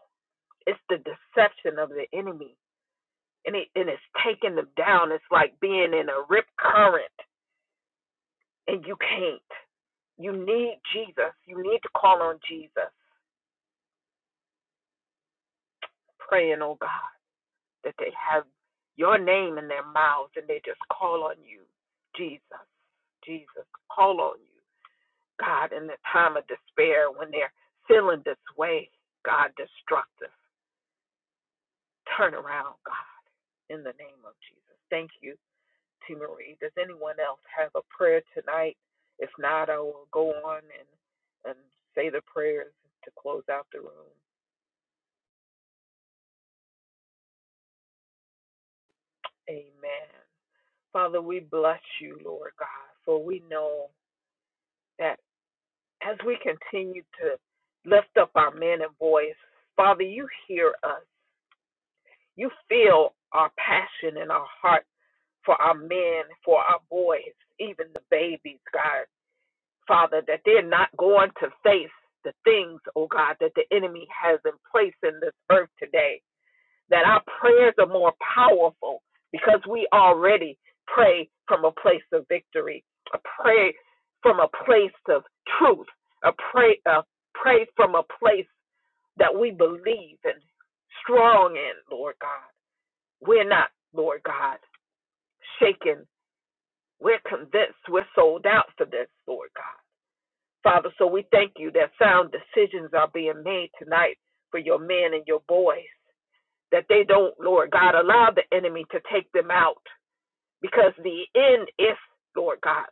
Speaker 1: It's the deception of the enemy, and it and it's taking them down. It's like being in a rip current, and you can't. You need Jesus. You need to call on Jesus, praying, oh God, that they have your name in their mouths and they just call on you, Jesus, Jesus, call on you. God, in the time of despair, when they're feeling this way, God, destructive. Turn around, God, in the name of Jesus. Thank you, T. Marie. Does anyone else have a prayer tonight? If not, I will go on and, and say the prayers to close out the room. Amen. Father, we bless you, Lord God, for we know that as we continue to lift up our men and boys, Father, you hear us. You feel our passion and our heart for our men, for our boys, even the babies, God, Father, that they're not going to face the things, oh God, that the enemy has in place in this earth today. That our prayers are more powerful because we already pray from a place of victory, a pray from a place of truth, a pray, a pray from a place that we believe and strong in, Lord God. We're not, Lord God, shaken we're convinced we're sold out for this, Lord God. Father, so we thank you that sound decisions are being made tonight for your men and your boys. That they don't, Lord God, allow the enemy to take them out because the end is, Lord God,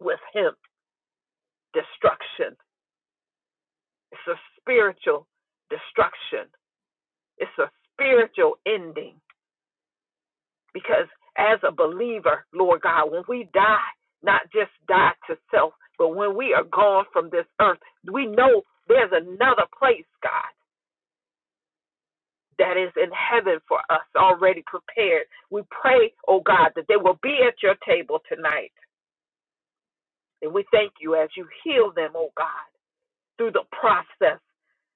Speaker 1: with him destruction. It's a spiritual destruction, it's a spiritual ending. Because as a believer, Lord God, when we die, not just die to self, but when we are gone from this earth, we know there's another place, God, that is in heaven for us already prepared. We pray, oh God, that they will be at your table tonight. And we thank you as you heal them, oh God, through the process,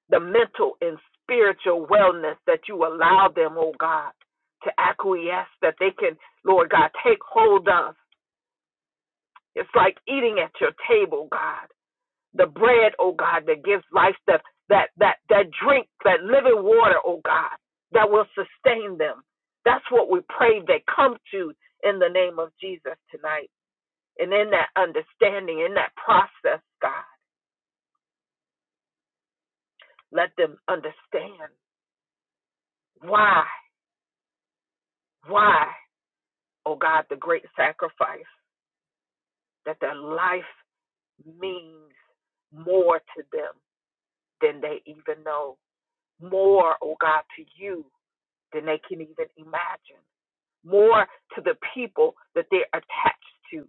Speaker 1: the mental and spiritual wellness that you allow them, oh God, to acquiesce, that they can, Lord God, take hold of It's like eating at your table, God. The bread, oh God, that gives life, that that that that drink, that living water, oh God, that will sustain them. That's what we pray they come to in the name of Jesus tonight. And in that understanding, in that process, God, let them understand why, why, oh God, the great sacrifice that their life means more to them than they even know more, oh God, to you than they can even imagine, more to the people that they're attached to.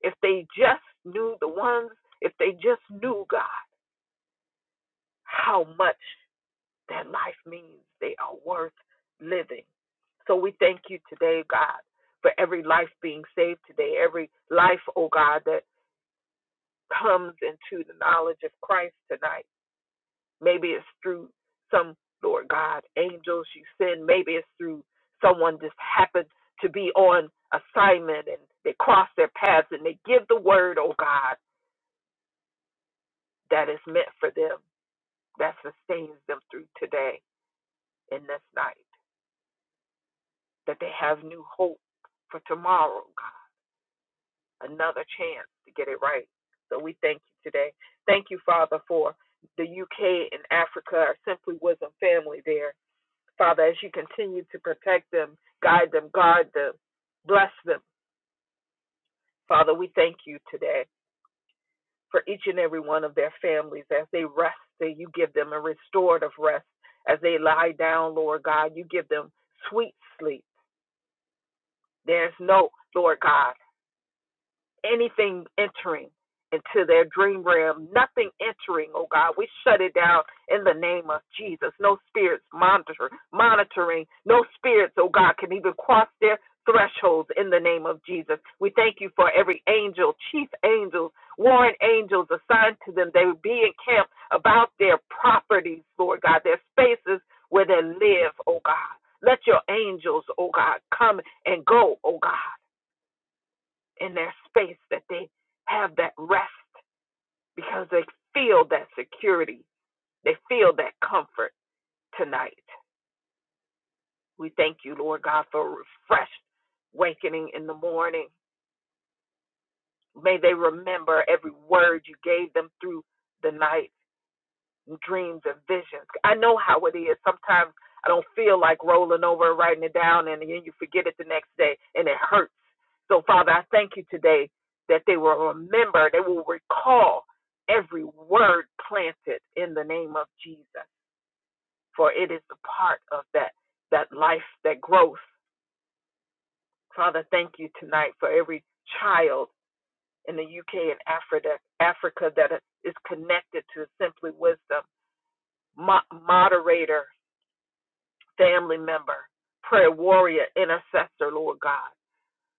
Speaker 1: If they just knew the ones, if they just knew God, how much their life means, they are worth living. So we thank you today, God, for every life being saved today, every life, oh God, that comes into the knowledge of Christ tonight. Maybe it's through some, Lord God, angels you send. Maybe it's through someone just happened to be on assignment and they cross their paths and they give the word, oh God, that is meant for them, that sustains them through today and this night, that they have new hope for tomorrow, God, another chance to get it right. So we thank you today. Thank you, Father, for the UK and Africa, our Simply Wisdom family there Father, as you continue to protect them, guide them, guard them, bless them. Father, we thank you today for each and every one of their families as they rest, that you give them a restorative rest. As they lie down, Lord God, you give them sweet sleep. There's no, Lord God, anything entering into their dream realm, nothing entering, oh God. We shut it down in the name of Jesus. No spirits monitor, monitoring, no spirits, oh God, can even cross their thresholds in the name of Jesus. We thank you for every angel, chief angels, warring angels assigned to them. They would be encamped about their properties, Lord God, their spaces where they live, oh God. Let your angels, oh God, come and go, oh God in their space that they have that rest because they feel that security. They feel that comfort tonight. We thank you, Lord God, for a refreshed awakening in the morning. May they remember every word you gave them through the night. dreams and visions. I know how it is. Sometimes I don't feel like rolling over and writing it down, and then you forget it the next day, and it hurts. So, Father, I thank you today that they will remember, they will recall every word planted in the name of Jesus, for it is a part of that that life, that growth. Father, thank you tonight for every child in the UK and Africa, Africa that is connected to Simply Wisdom mo- moderator family member, prayer warrior, intercessor, Lord God,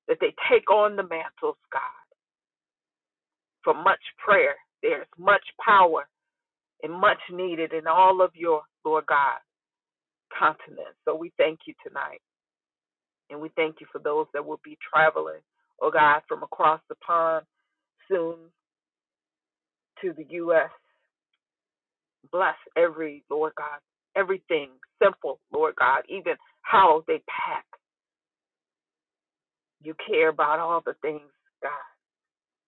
Speaker 1: that they take on the mantles, God, for much prayer. There's much power and much needed in all of your, Lord God, continents. So we thank you tonight. And we thank you for those that will be traveling, oh God, from across the pond soon to the U.S. Bless every, Lord God, everything simple, Lord God, even how they pack. You care about all the things, God.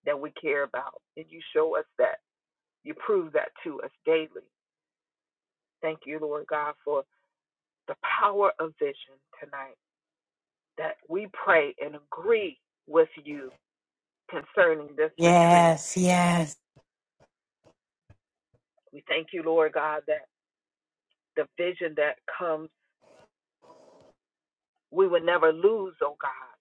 Speaker 1: that we care about. And you show us that. You prove that to us daily. Thank you, Lord God, for the power of vision tonight that we pray and agree with you concerning this retreat.
Speaker 2: yes, yes,
Speaker 1: We thank you, Lord God, that the vision that comes, we would never lose, oh God.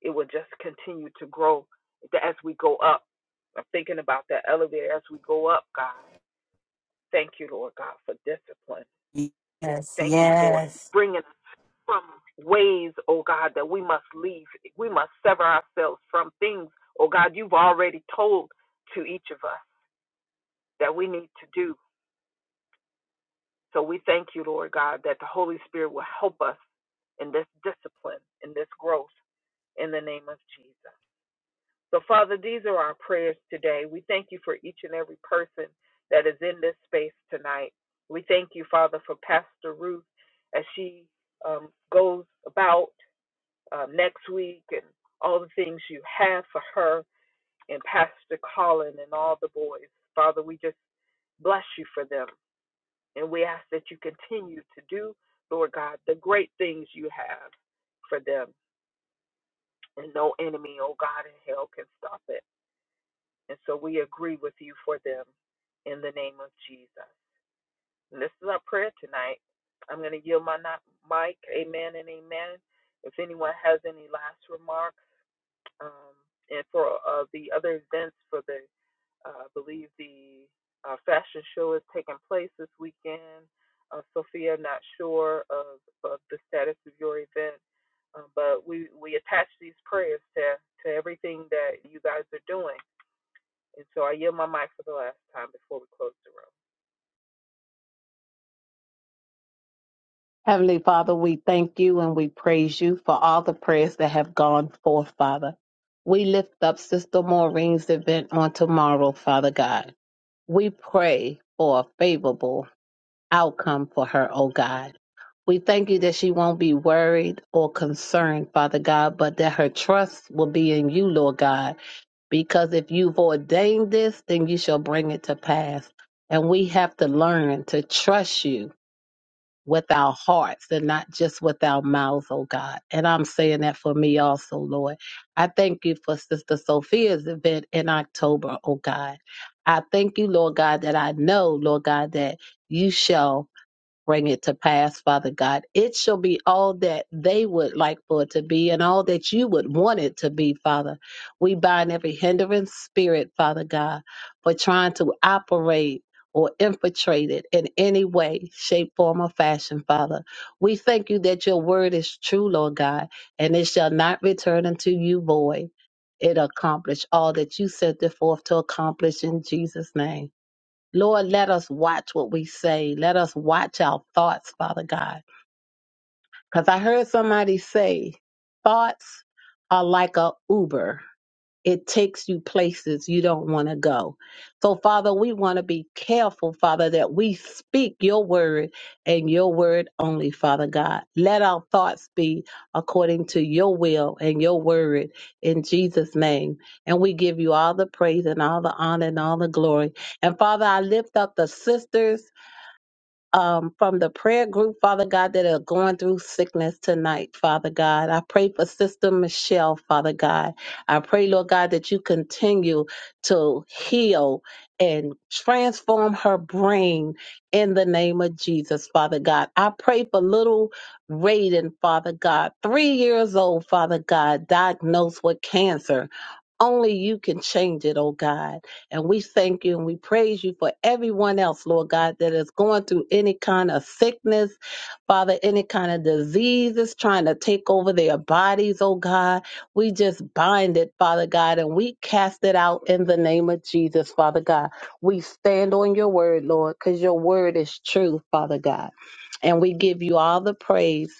Speaker 1: It will just continue to grow as we go up. I'm thinking about that elevator as we go up, God. Thank you, Lord God, for discipline.
Speaker 2: yes.
Speaker 1: Thank you for
Speaker 2: yes.
Speaker 1: bringing us from ways, oh God, that we must leave. We must sever ourselves from things, oh God, you've already told to each of us that we need to do. So we thank you, Lord God, that the Holy Spirit will help us in this discipline, in this growth, in the name of Jesus. So, Father, these are our prayers today. We thank you for each and every person that is in this space tonight. We thank you, Father, for Pastor Ruth as she um, goes about um, next week and all the things you have for her and Pastor Colin and all the boys. Father, we just bless you for them. And we ask that you continue to do, Lord God, the great things you have for them. And no enemy, oh God, in hell can stop it. And so we agree with you for them in the name of Jesus. And this is our prayer tonight. I'm going to yield my mic. Amen and amen. If anyone has any last remarks, um, and for uh, the other events for the uh, I believe the uh, fashion show is taking place this weekend. Uh, Sophia, not sure of, of the status of your event, uh, but we we attach these prayers to to everything that you guys are doing, and so I yield my mic for the last time before we close the room.
Speaker 5: Heavenly Father, we thank you and we praise you for all the prayers that have gone forth, Father. We lift up Sister Maureen's event on tomorrow, Father God. We pray for a favorable outcome for her, O God. We thank you that she won't be worried or concerned, Father God, but that her trust will be in you, Lord God, because if you've ordained this, then you shall bring it to pass. And we have to learn to trust you with our hearts and not just with our mouths, oh God. And I'm saying that for me also, Lord. I thank you for Sister Sophia's event in October, oh God. I thank you, Lord God, that I know, Lord God, that you shall bring it to pass, Father God. It shall be all that they would like for it to be and all that you would want it to be, Father. We bind every hindering spirit, Father God, for trying to operate or infiltrate it in any way, shape, form, or fashion, Father. We thank you that your word is true, Lord God, and it shall not return unto you void. It accomplish all that you sent it forth to accomplish in Jesus' name. Lord, let us watch what we say. Let us watch our thoughts, Father God. Because I heard somebody say, thoughts are like a Uber. It takes you places you don't want to go. So, Father, we want to be careful, Father, that we speak your word and your word only, Father God. Let our thoughts be according to your will and your word in Jesus' name. And we give you all the praise and all the honor and all the glory. And, Father, I lift up the sisters um, from the prayer group, Father God, that are going through sickness tonight, Father God. I pray for Sister Michelle, Father God. I pray, Lord God, that you continue to heal and transform her brain in the name of Jesus, Father God. I pray for little Raiden, Father God, three years old, Father God, diagnosed with cancer. Only you can change it, oh God. And we thank you and we praise you for everyone else, Lord God, that is going through any kind of sickness, Father, any kind of diseases trying to take over their bodies, oh God. We just bind it, Father God, and we cast it out in the name of Jesus, Father God. We stand on your word, Lord, because your word is true, Father God. And we give you all the praise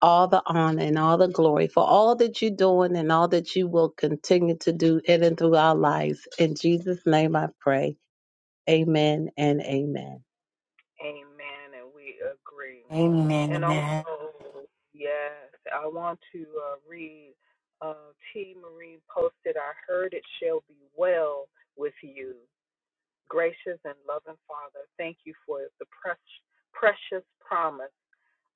Speaker 5: all the honor and all the glory for all that you're doing and all that you will continue to do in and through our lives. In Jesus' name I pray. Amen and amen.
Speaker 1: Amen, and we agree. And
Speaker 2: Amen.
Speaker 1: also, yes, I want to uh, read uh, T. Marie posted, I heard it shall be well with you. Gracious and loving Father, thank you for the precious, precious promise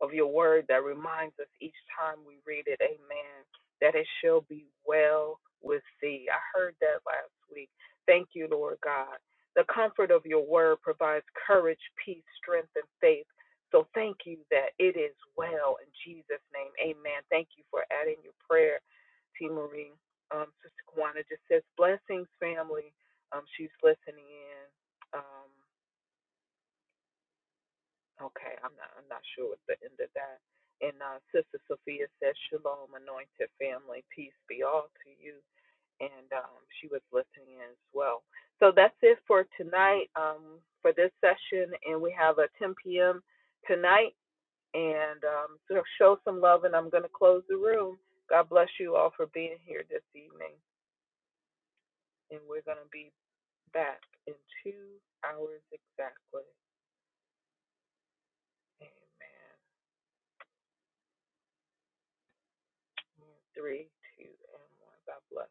Speaker 1: of your word that reminds us each time we read it, amen, that it shall be well with thee. I heard that last week. Thank you, Lord God. The comfort of your word provides courage, peace, strength, and faith. So thank you that it is well in Jesus' name. Amen. Thank you for adding your prayer, T. Marie. Um, Sister Kwana just says, blessings, family. Um, she's listening in. Um, Okay, I'm not I'm not sure what the end of that. And uh, Sister Sophia says, Shalom, anointed family, peace be all to you. And um, she was listening in as well. So that's it for tonight, um, for this session. And we have a 10 p.m. tonight. And um, so show some love, and I'm going to close the room. God bless you all for being here this evening. And we're going to be back in two hours exactly. Amen. Three, two, and one. God bless.